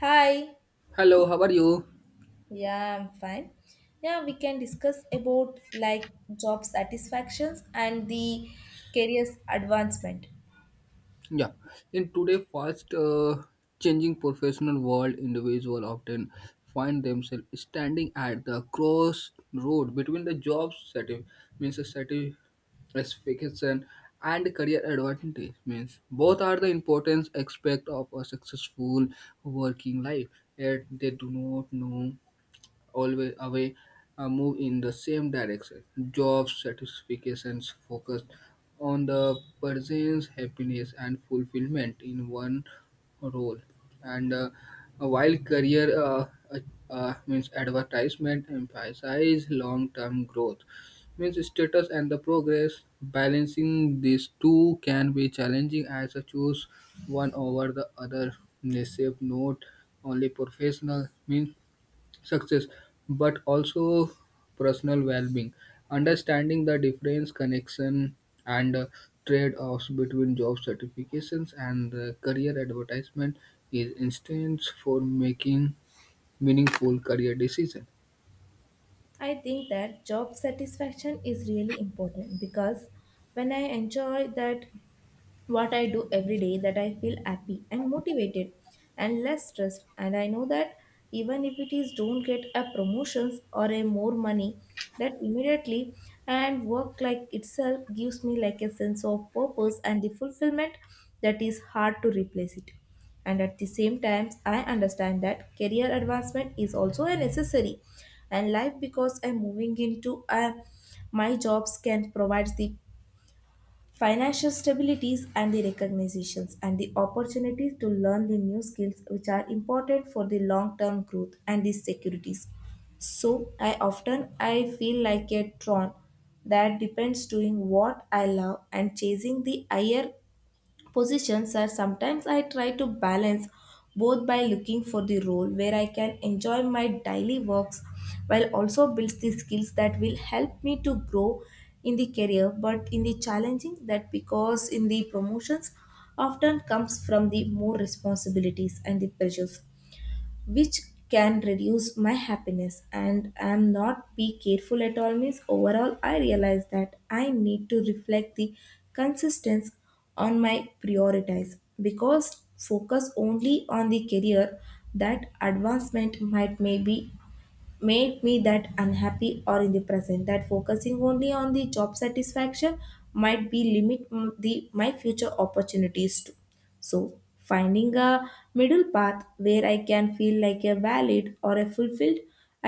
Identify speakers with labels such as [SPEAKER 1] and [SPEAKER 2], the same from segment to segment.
[SPEAKER 1] Hi.
[SPEAKER 2] Hello, how are you?
[SPEAKER 1] Yeah, I'm fine. Yeah, we can discuss about like job satisfactions and the career's advancement.
[SPEAKER 2] Yeah, in today's fast changing professional world, individuals often find themselves standing at the crossroad between the job satisfaction means satisfaction and career advantage means both are the important aspect of a successful working life yet they do not know always away move in the same direction. Job satisfactions focus on the person's happiness and fulfillment in one role, and while career uh, means advertisement emphasize long-term growth means status and the progress balancing these two can be challenging as a choose one over the other they shape not only professional means success but also personal well-being understanding the difference connection and trade-offs between job certifications and career advertisement is instance for making meaningful career decision.
[SPEAKER 1] I think that job satisfaction is really important because when I enjoy that what I do every day that I feel happy and motivated and less stressed. And I know that even if it is don't get a promotions or a more money, that immediately and work like itself gives me like a sense of purpose and the fulfillment that is hard to replace it. And at the same time, I understand that career advancement is also a necessary and life because I'm moving into a my jobs can provide the financial stabilities and the recognitions and the opportunities to learn the new skills which are important for the long term growth and the securities, so I often I feel like a tron that depends doing what I love and chasing the higher positions are sometimes I try to balance both by looking for the role where I can enjoy my daily works while also builds the skills that will help me to grow in the career but in the challenging that because in the promotions often comes from the more responsibilities and the pressures which can reduce my happiness and I'm not be careful at all means overall I realize that I need to reflect the consistency on my priorities because focus only on the career that advancement might maybe made me that unhappy or in the present that focusing only on the job satisfaction might be limit the my future opportunities too, so finding a middle path where I can feel like a valid or a fulfilled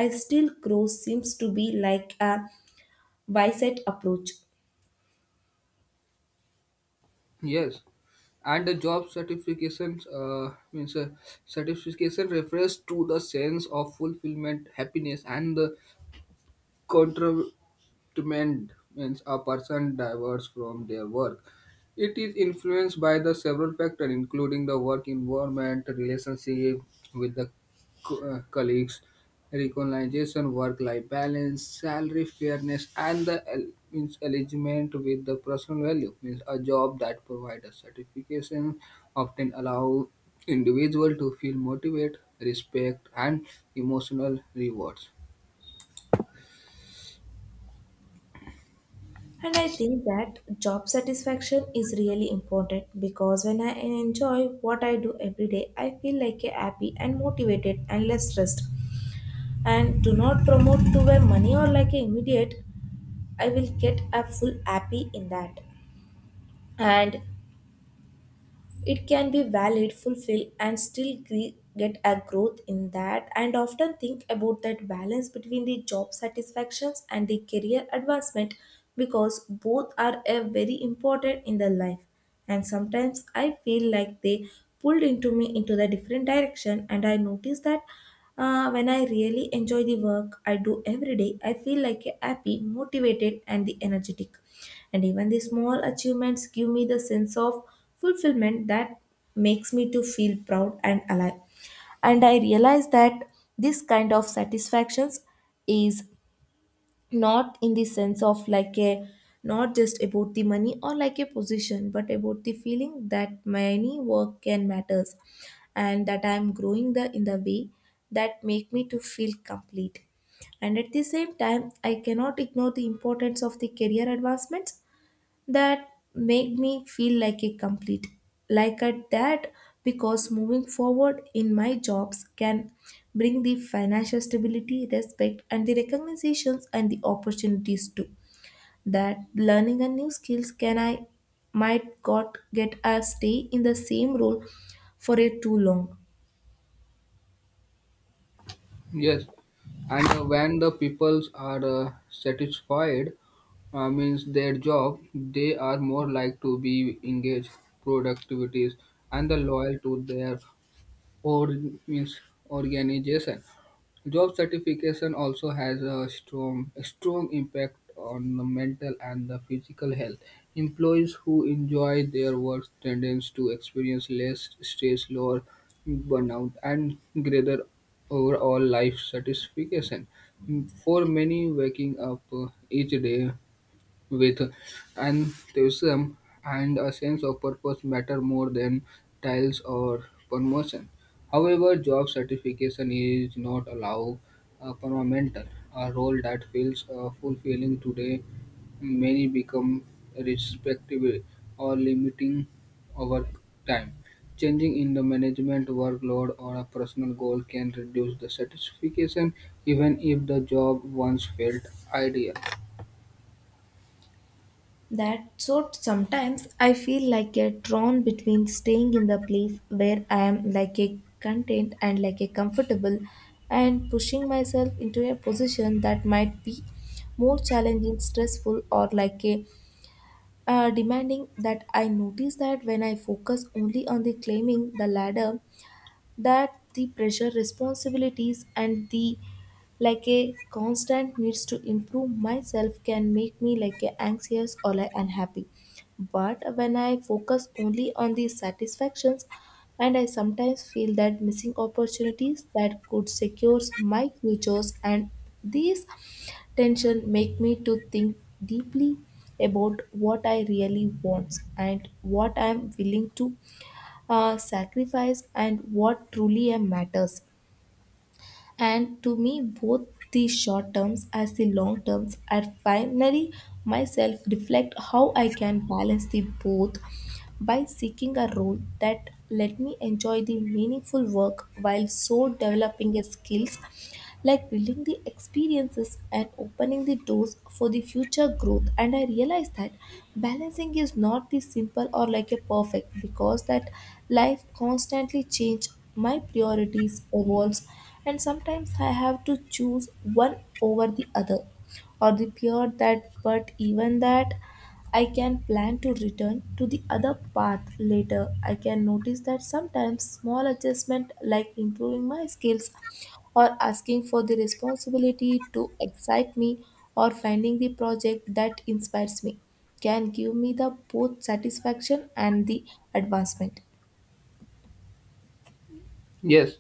[SPEAKER 1] I still grow seems to be like a wise approach.
[SPEAKER 2] Yes, and the job certifications means certification refers to the sense of fulfillment happiness and the contra- treatment means a person diverges from their work. It is influenced by the several factors, including the work environment, relationship with the colleagues, recognition, work-life balance, salary fairness, and the means alignment with the personal value. Means a job that provides a certification often allow individual to feel motivated, respect, and emotional rewards.
[SPEAKER 1] And I think that job satisfaction is really important because when I enjoy what I do every day I feel like a happy and motivated and less stressed and do not promote to where money or like a immediate I will get a full happy in that. And it can be valid fulfill and still get a growth in that and often think about that balance between the job satisfactions and the career advancement because both are a very important in the life and sometimes I feel like they pulled into me into the different direction and I notice that when I really enjoy the work I do every day, I feel like a happy, motivated, and the energetic. And even the small achievements give me the sense of fulfillment that makes me to feel proud and alive. And I realize that this kind of satisfactions is not in the sense of like a not just about the money or like a position but about the feeling that many work can matters and that I am growing the in the way that make me to feel complete. And at the same time I cannot ignore the importance of the career advancements that make me feel like a complete like at that, because moving forward in my jobs can bring the financial stability respect and the recognitions and the opportunities too that learning a new skills can I might got get a stay in the same role for a too long.
[SPEAKER 2] Yes, and when the peoples are satisfied, means their job, they are more like to be engaged, productivities, and the loyal to their or means organization. Job certification also has a strong impact on the mental and the physical health. Employees who enjoy their work tend to experience less stress, lower burnout, and greater overall life satisfaction. For many, waking up each day with enthusiasm and a sense of purpose matter more than titles or promotion. However, job certification is not allowed a permanent a role that feels fulfilling today. Many become respectable or limiting over time. Changing in the management workload or a personal goal can reduce the satisfaction even if the job once felt ideal.
[SPEAKER 1] That so sometimes I feel like a drawn between staying in the place where I am like a content and like a comfortable and pushing myself into a position that might be more challenging, stressful or like a demanding, that I notice that when I focus only on the climbing the ladder that the pressure responsibilities and the like a constant needs to improve myself can make me like a anxious or like unhappy, but when I focus only on the satisfactions and I sometimes feel that missing opportunities that could secure my futures, and these tension make me to think deeply about what I really want and what I am willing to sacrifice and what truly matters. And to me, both the short terms as the long terms, I finally myself reflect how I can balance the both by seeking a role that let me enjoy the meaningful work while so developing a skills like building the experiences and opening the doors for the future growth. And I realized that balancing is not the simple or like a perfect because that life constantly change, my priorities evolves, and sometimes I have to choose one over the other or the pure that, but even that I can plan to return to the other path later. I can notice that sometimes small adjustment like improving my skills or asking for the responsibility to excite me or finding the project that inspires me can give me the both satisfaction and the advancement.
[SPEAKER 2] Yes,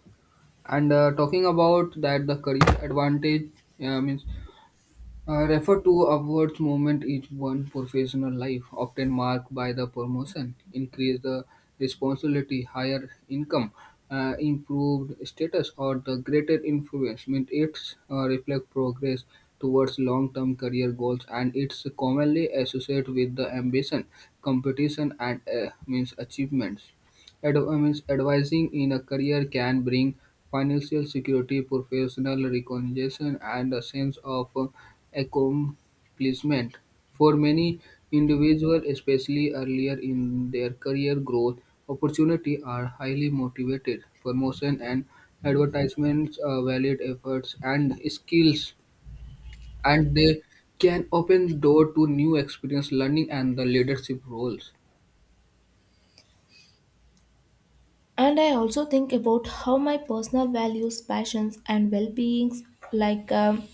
[SPEAKER 2] and talking about that, the career advantage means refer to upwards movement each one professional life, often marked by the promotion, increase the responsibility, higher income, improved status, or the greater influence. Means it's reflect progress towards long-term career goals, and it's commonly associated with the ambition, competition, and means achievements. Ad- I means advising in a career can bring financial security, professional recognition, and a sense of accomplishment. For many individuals, especially earlier in their career growth, opportunity are highly motivated. Promotion and advertisements are valid efforts and skills, and they can open door to new experience, learning, and the leadership roles.
[SPEAKER 1] And I also think about how my personal values, passions, and well beings like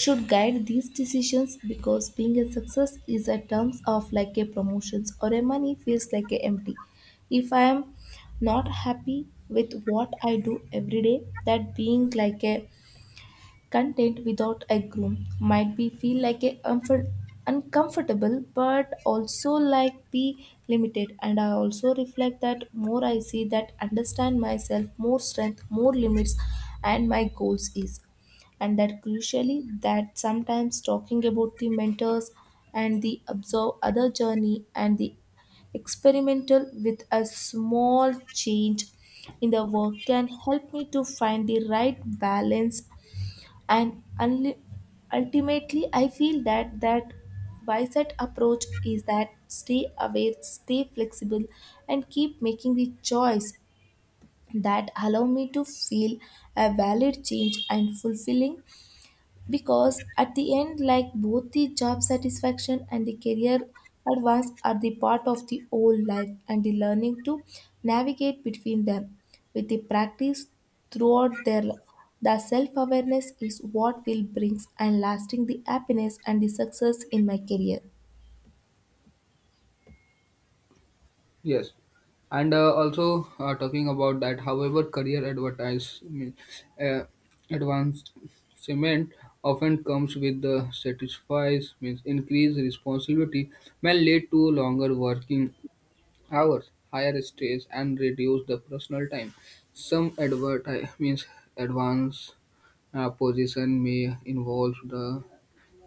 [SPEAKER 1] should guide these decisions because being a success is a terms of like a promotions or a money feels like a empty. If I am not happy with what I do every day, that being like a content without a groom might be feel like a uncomfortable but also like be limited, and I also reflect that more I see that understand myself more strength more limits and my goals is, and that crucially that sometimes talking about the mentors and the observe other journey and the experimental with a small change in the work can help me to find the right balance. And unli ultimately I feel that that bicep approach is that stay aware, stay flexible, and keep making the choice that allow me to feel a valid change and fulfilling, because at the end like both the job satisfaction and the career advance are the part of the whole life and the learning to navigate between them with the practice throughout their life the self-awareness is what will brings and lasting the happiness and the success in my career.
[SPEAKER 2] Yes, and also talking about that. However, career advertisement uh, advancement often comes with the satisfies means increased responsibility may lead to longer working hours, higher stress, and reduce the personal time. Some adverti- means advanced position may involve the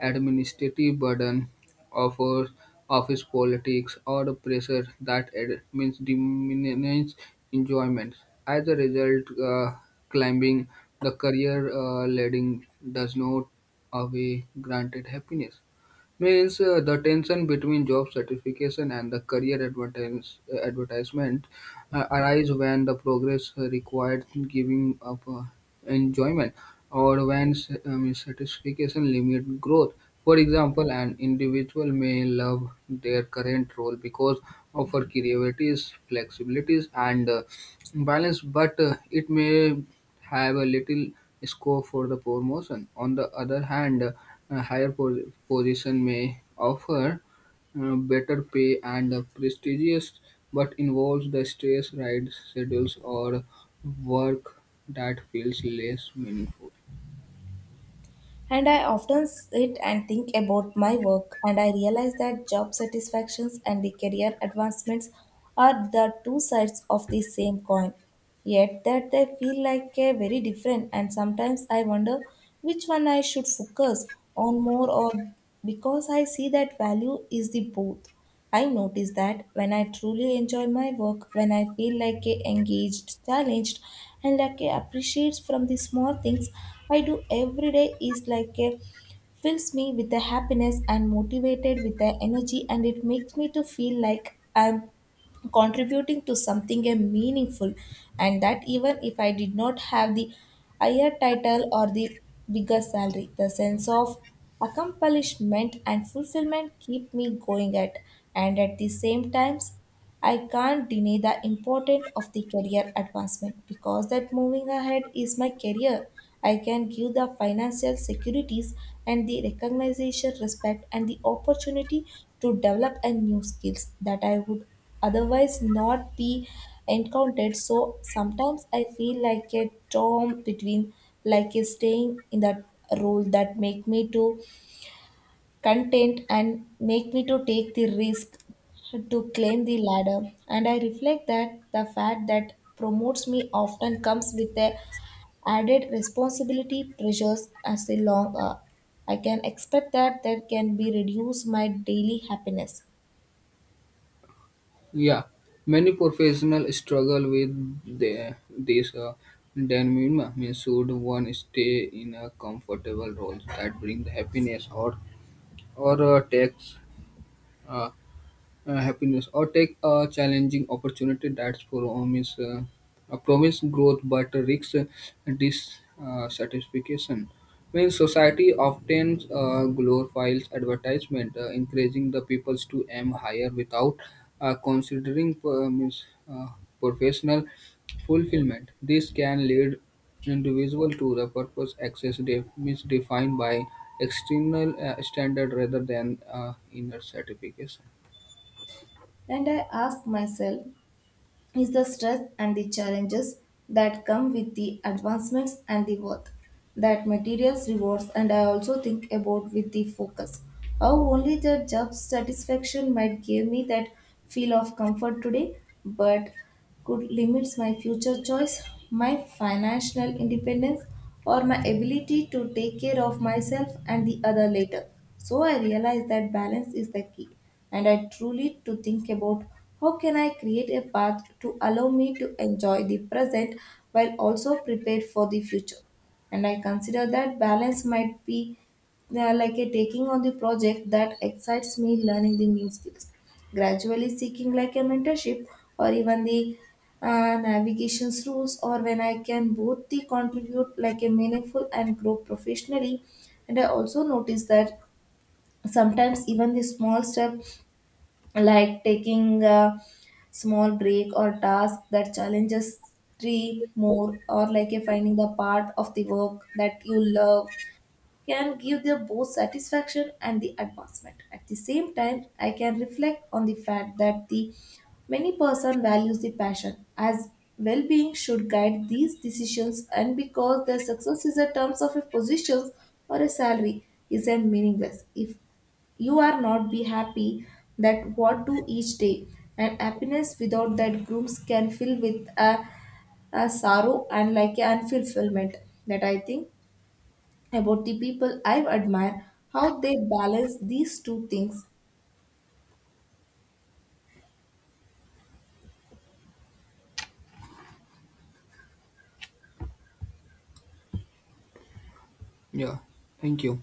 [SPEAKER 2] administrative burden of our office politics or the pressure that means diminishes enjoyment. As a result, climbing the career ladder does not away granted happiness. Means the tension between job certification and the career advertisement arise when the progress required giving up enjoyment or when means satisfaction limit growth. For example, an individual may love their current role because of her creativities, flexibilities, and balance, but it may have a little scope for the promotion. On the other hand, a position may offer better pay and prestigious, but involves the stress, ride schedules, or work that feels less meaningful.
[SPEAKER 1] And I often sit and think about my work, and I realize that job satisfactions and the career advancements are the two sides of the same coin. Yet that they feel like a very different, and sometimes I wonder which one I should focus on more, or because I see that value is the both. I notice that when I truly enjoy my work, when I feel like a engaged, challenged, and like I appreciates from the small things I do every day is like a fills me with the happiness and motivated with the energy and it makes me to feel like I'm contributing to something meaningful, and that even if I did not have the higher title or the bigger salary the sense of accomplishment and fulfillment keep me going at. And at the same times I can't deny the importance of the career advancement because that moving ahead is my career. I can give the financial securities and the recognition, respect, and the opportunity to develop a new skills that I would otherwise not be encountered. So sometimes I feel like a storm between like a staying in that role that make me to content and make me to take the risk to claim the ladder, and I reflect that the fact that promotes me often comes with the added responsibility pressures as a long, I can expect that that can be reduce my daily happiness.
[SPEAKER 2] Yeah, many professionals struggle with this dilemma. Means should one stay in a comfortable role that brings happiness, or takes uh, happiness or take a challenging opportunity that's promise growth but risks dissatisfaction when society often glorifies advertisement encouraging the people to aim higher without considering uh, professional fulfillment this can lead individual to the purpose access misdefined by external standard rather than inner certification.
[SPEAKER 1] And I ask myself is the stress and the challenges that come with the advancements and the worth that materials rewards, and I also think about with the focus how only the job satisfaction might give me that feel of comfort today but could limit my future choice, my financial independence, or my ability to take care of myself and the other later. So I realized that balance is the key, and I truly to think about how can I create a path to allow me to enjoy the present while also prepared for the future. And I consider that balance might be like a taking on the project that excites me learning the new skills gradually seeking like a mentorship or even the navigations rules or when I can both the contribute like a meaningful and grow professionally. And I also notice that sometimes even the small step like taking a small break or task that challenges three more or like a finding the part of the work that you love can give them both satisfaction and the advancement. At the same time, I can reflect on the fact that the many person values the passion as well-being should guide these decisions and because the success is a terms of a position or a salary is a meaningless if you are not be happy that what do each day and happiness without that grooms can fill with a sorrow and like an fulfillment that I think about the people I admire how they balance these two things.
[SPEAKER 2] Yeah, thank you.